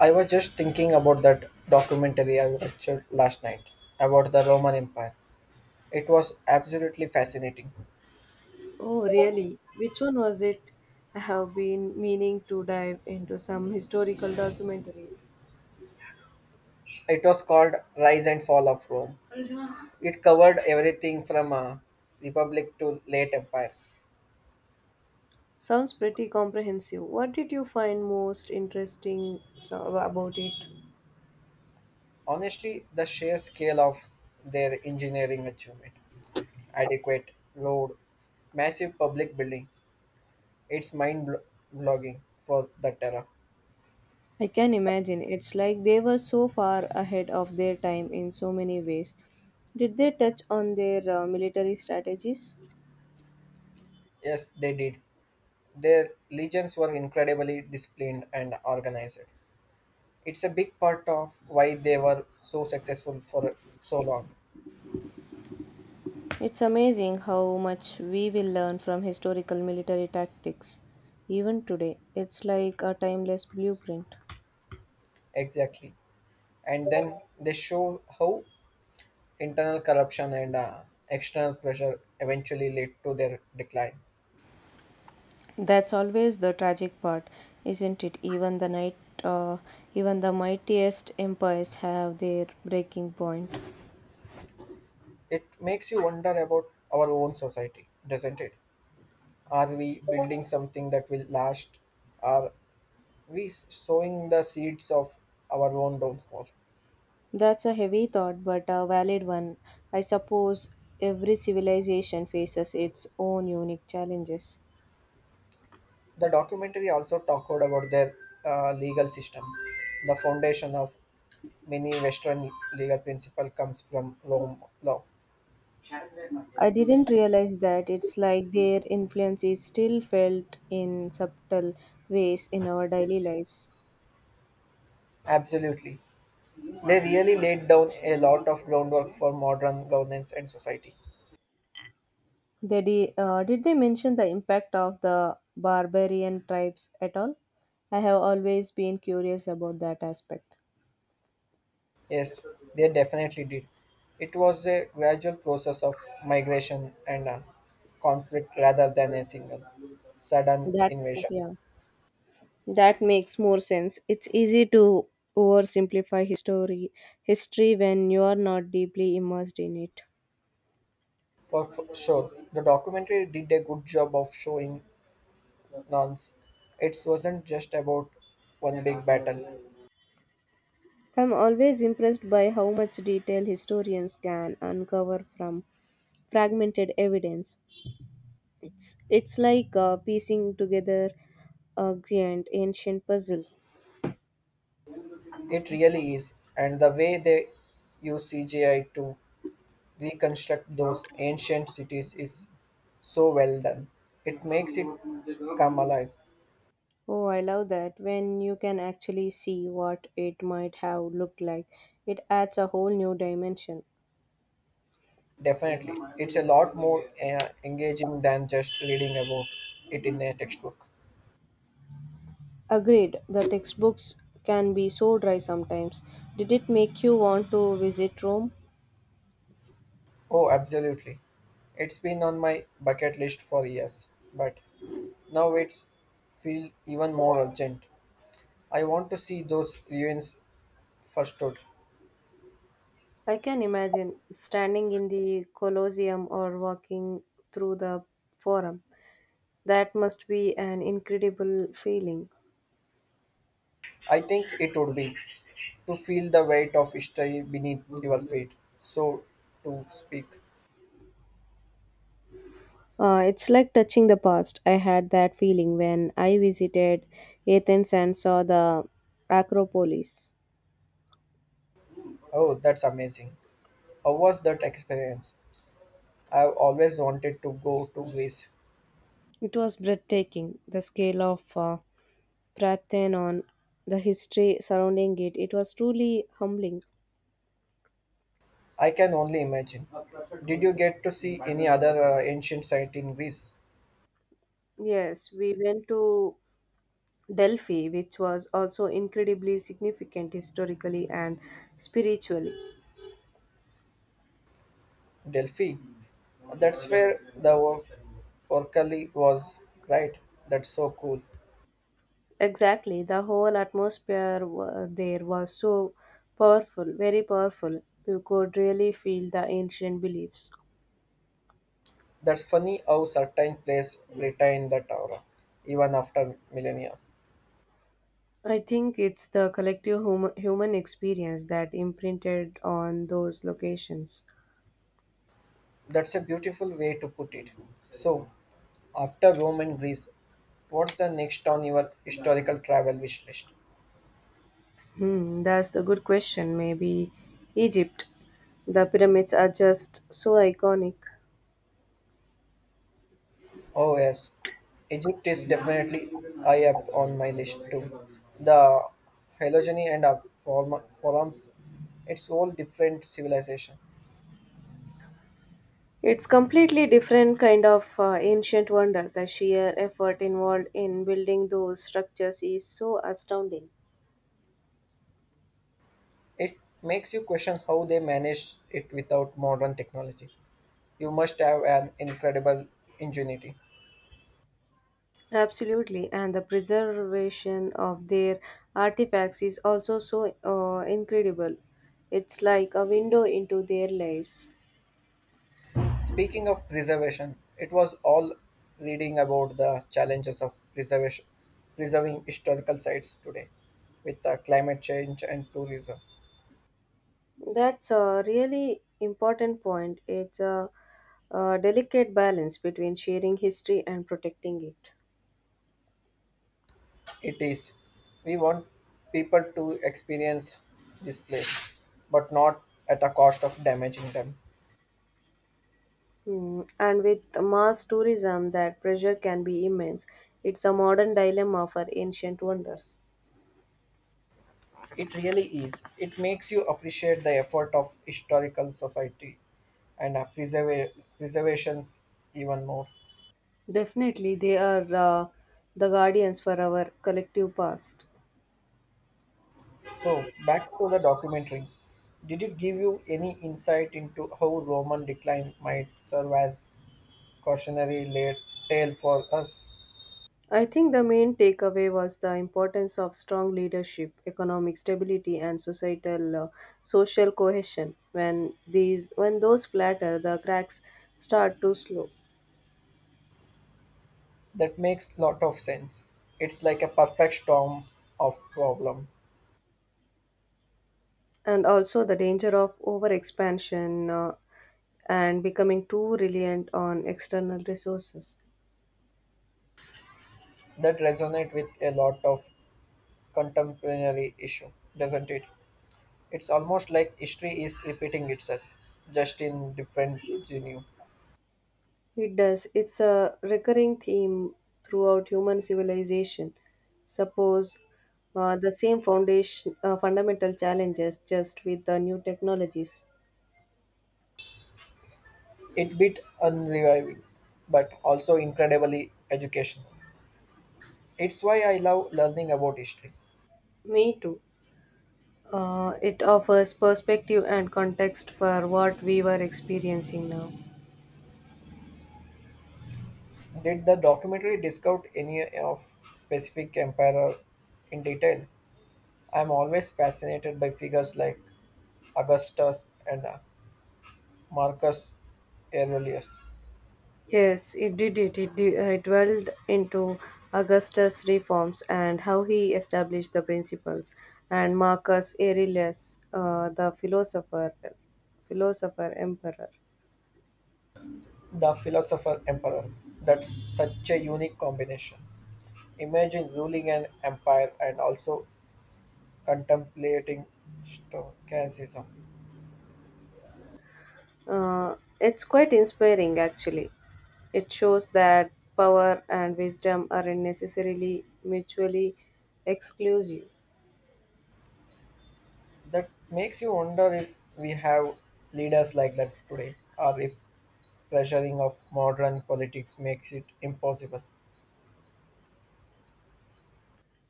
I was just thinking about that documentary I watched last night about the Roman Empire. It was absolutely fascinating. Oh, really? Which one was it? I have been meaning to dive into some historical documentaries. It was called Rise and Fall of Rome. It covered everything from a republic to late empire. Sounds pretty comprehensive. What did you find most interesting about it? Honestly, the sheer scale of their engineering achievement, adequate road, massive public building, it's blogging for the terror. I can imagine. It's like they were so far ahead of their time in so many ways. Did they touch on their military strategies? Yes, they did. Their legions were incredibly disciplined and organized. It's a big part of why they were so successful for so long. It's amazing how much we will learn from historical military tactics. Even today, it's like a timeless blueprint. Exactly. And then they show how internal corruption and external pressure eventually lead to their decline. That's always the tragic part, isn't it? Uh, Even the mightiest empires have their breaking point. It makes you wonder about our own society, doesn't it? Are we building something that will last? Are we sowing the seeds of our own downfall? That's a heavy thought, but a valid one. I suppose every civilization faces its own unique challenges. The documentary also talked about their legal system. The foundation of many Western legal principle comes from Rome law. I didn't realize that. It's like their influence is still felt in subtle ways in our daily lives. Absolutely. They really laid down a lot of groundwork for modern governance and society. Did they mention the impact of the barbarian tribes at all? I have always been curious about that aspect. Yes, they definitely did. It was a gradual process of migration and conflict rather than a single sudden That invasion. yeah, that makes more sense. It's easy to oversimplify history when you are not deeply immersed in it. For sure, the documentary did a good job of showing nonce. It wasn't just about one big battle. I'm always impressed by how much detail historians can uncover from fragmented evidence. It's like piecing together a giant ancient puzzle. It really is. And the way they use CGI to reconstruct those ancient cities is so well done. It makes it come alive. Oh, I love that. When you can actually see what it might have looked like, it adds a whole new dimension. Definitely. It's a lot more engaging than just reading about it in a textbook. Agreed, the textbooks can be so dry sometimes. Did it make you want to visit Rome? Oh, absolutely. It's been on my bucket list for years, but now it's feel even more urgent. I want to see those ruins First thought, I can imagine standing in the Colosseum or walking through the Forum. That must be an incredible feeling. I think it would be to feel the weight of history beneath your feet, so to speak. It's like touching the past. I had that feeling when I visited Athens and saw the Acropolis. Oh, that's amazing. How was that experience? I've always wanted to go to Greece. It was breathtaking, the scale of Parthenon, the history surrounding it. It was truly humbling. I can only imagine. Did you get to see any other ancient site in Greece? Yes, we went to Delphi, which was also incredibly significant historically and spiritually. Delphi? That's where the Orcali was, right? That's so cool. Exactly, the whole there was so powerful, very powerful. You could really feel the ancient beliefs. That's funny how certain places retain that aura, even after millennia. I think it's the collective human experience that imprinted on those locations. That's a beautiful way to put it. So, after Rome and Greece, what's the next on your historical travel wish list? Hmm, that's the good question. Maybe Egypt. The pyramids are just so iconic. Oh, yes, Egypt is definitely high up on my list too. The phylogeny and the forums, it's all different civilization. It's completely different kind of ancient wonder. The sheer effort involved in building those structures is so astounding. It makes you question how they managed it without modern technology. You must have an incredible ingenuity. Absolutely, and the preservation of their artifacts is also so incredible. It's like a window into their lives. Speaking of preservation, it was all reading about the challenges of preservation, preserving historical sites today with the climate change and tourism. That's a really important point. It's a delicate balance between sharing history and protecting it. It is. We want people to experience this place, but not at a cost of damaging them. Hmm. And with mass tourism, that pressure can be immense. It's a modern dilemma for ancient wonders. It really is. It makes you appreciate the effort of historical society and preservations even more. Definitely, they are the guardians for our collective past. So, back to the documentary. Did it give you any insight into how Roman decline might serve as cautionary la- tale for us? I think the main takeaway was the importance of strong leadership, economic stability, and societal social cohesion. When those flatter, the cracks start to slow, That makes lot of sense. It's like a perfect storm of problem and also the danger of overexpansion and becoming too reliant on external resources. that resonate with a lot of contemporary issue, doesn't it? It's almost like history is repeating itself, just in different venue. It does. It's a recurring theme throughout human civilization. Suppose the same foundation fundamental challenges just with the new technologies. It bit unreviving, but also incredibly educational. It's why I love learning about history. Me too. It offers perspective and context for what we were experiencing now. Did the documentary discuss any of specific emperor in detail? I'm always fascinated by figures like Augustus and Marcus Aurelius, Yes, it dwelled into Augustus' reforms and how he established the principles, and Marcus Aurelius, philosopher emperor. the philosopher emperor. That's such a unique combination. Imagine ruling an empire and also contemplating stoicism. It's quite inspiring, actually. It shows that power and wisdom aren't necessarily mutually exclusive. That makes you wonder if we have leaders like that today, or if pressuring of modern politics makes it impossible.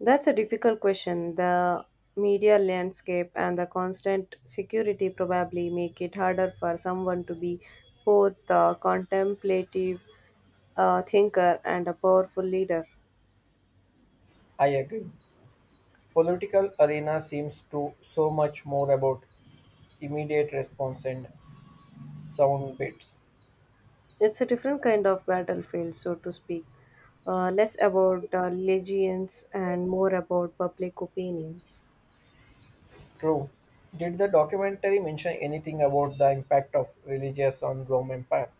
That's a difficult question. The media landscape and the constant security probably make it harder for someone to be both a contemplative thinker and a powerful leader. I agree. Political arena seems to so much more about immediate response and sound bites. It's a different kind of battlefield, so to speak. Less about legions and more about public opinions. True. Did the documentary mention anything about the impact of religious on Rome Empire?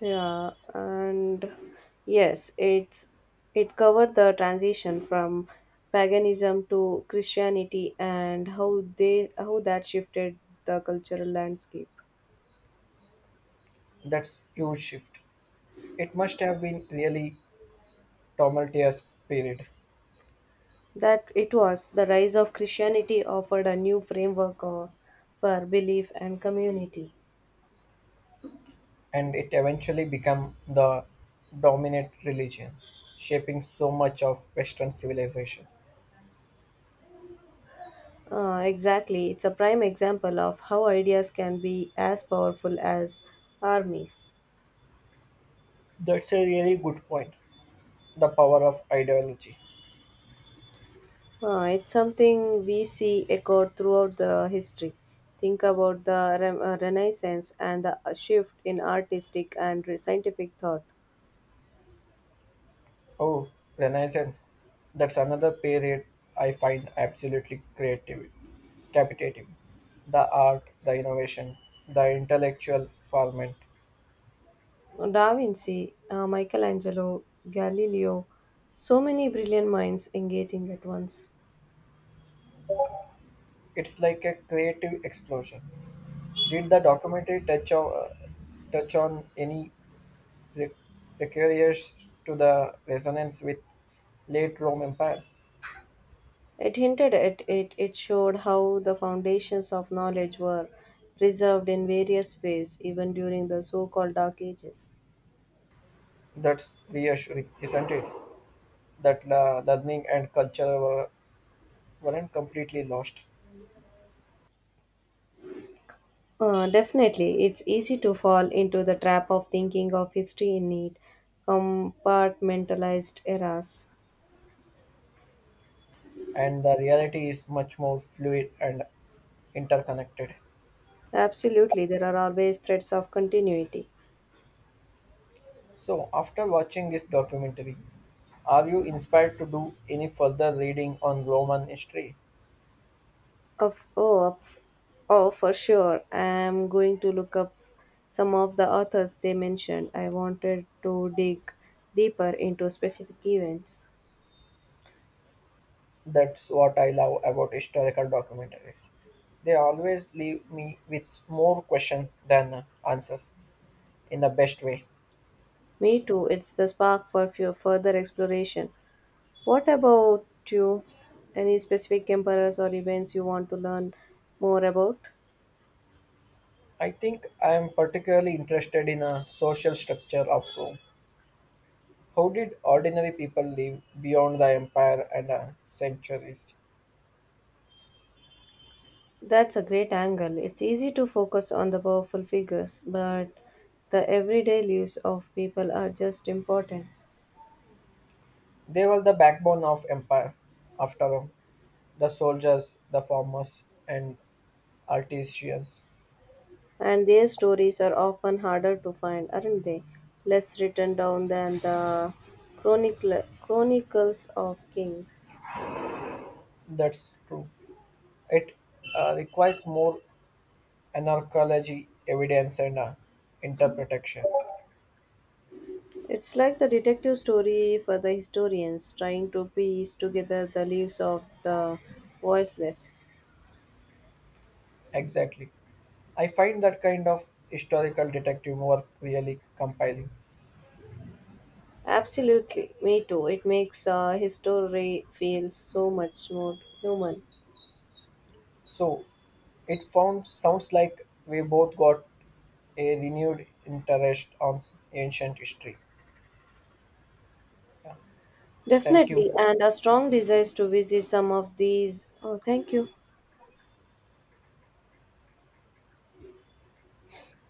Yeah, and yes, it's it covered the transition from paganism to Christianity and how that shifted the cultural landscape. That's huge shift. It must have been really tumultuous period, That it was the rise of Christianity offered a new framework for belief and community. and it eventually became the dominant religion, shaping so much of Western civilization. Exactly, it's a prime example of how ideas can be as powerful as armies. That's a really good point. The power of ideology. It's something we see echoed throughout the history. Think about the Renaissance and the shift in artistic and scientific thought. Oh, Renaissance. That's another period I find absolutely creative, captivating. The art, the innovation, the intellectual ferment. Da Vinci, Michelangelo, Galileo, so many brilliant minds engaging at once. It's like a creative explosion. Did the documentary touch on any pre- precarious to the resonance with late Rome Empire? It hinted at it, it showed how the foundations of knowledge were preserved in various ways, even during the so called Dark Ages. That's reassuring, isn't it? That learning and weren't completely lost. Definitely, it's easy to fall into the trap of thinking of history in neat, compartmentalized eras. And the reality is much more fluid and interconnected. Absolutely, there are always threads of continuity. So, after watching this documentary, are you inspired to do any further reading on Roman history? Of oh, of, oh, for sure. I'm going to look up some of the authors they mentioned. I wanted to dig deeper into specific events. That's what I love about historical documentaries. They always leave me with more questions than answers in the best way. Me too. It's the spark for further exploration. What about you? Any specific emperors or events you want to learn more about? I think I am particularly interested in a social structure of Rome. How did ordinary people live beyond the empire and centuries? That's a great angle. It's easy to focus on the powerful figures, but the everyday lives of people are just important. They were the backbone of empire, after all. The soldiers, the farmers, and artisans. And their stories are often harder to find, aren't they? Less written down than the chronicles of kings. That's true. It requires more anarchology, evidence, and interpretation. It's like the detective story for the historians trying to piece together the lives of the voiceless. Exactly. I find that kind of historical detective work really compelling. Absolutely, me too. It makes history feel so much more human. So, it found sounds like we both got a renewed interest on ancient history. Thank you. Definitely, and a strong desire to visit some of these. Oh, thank you.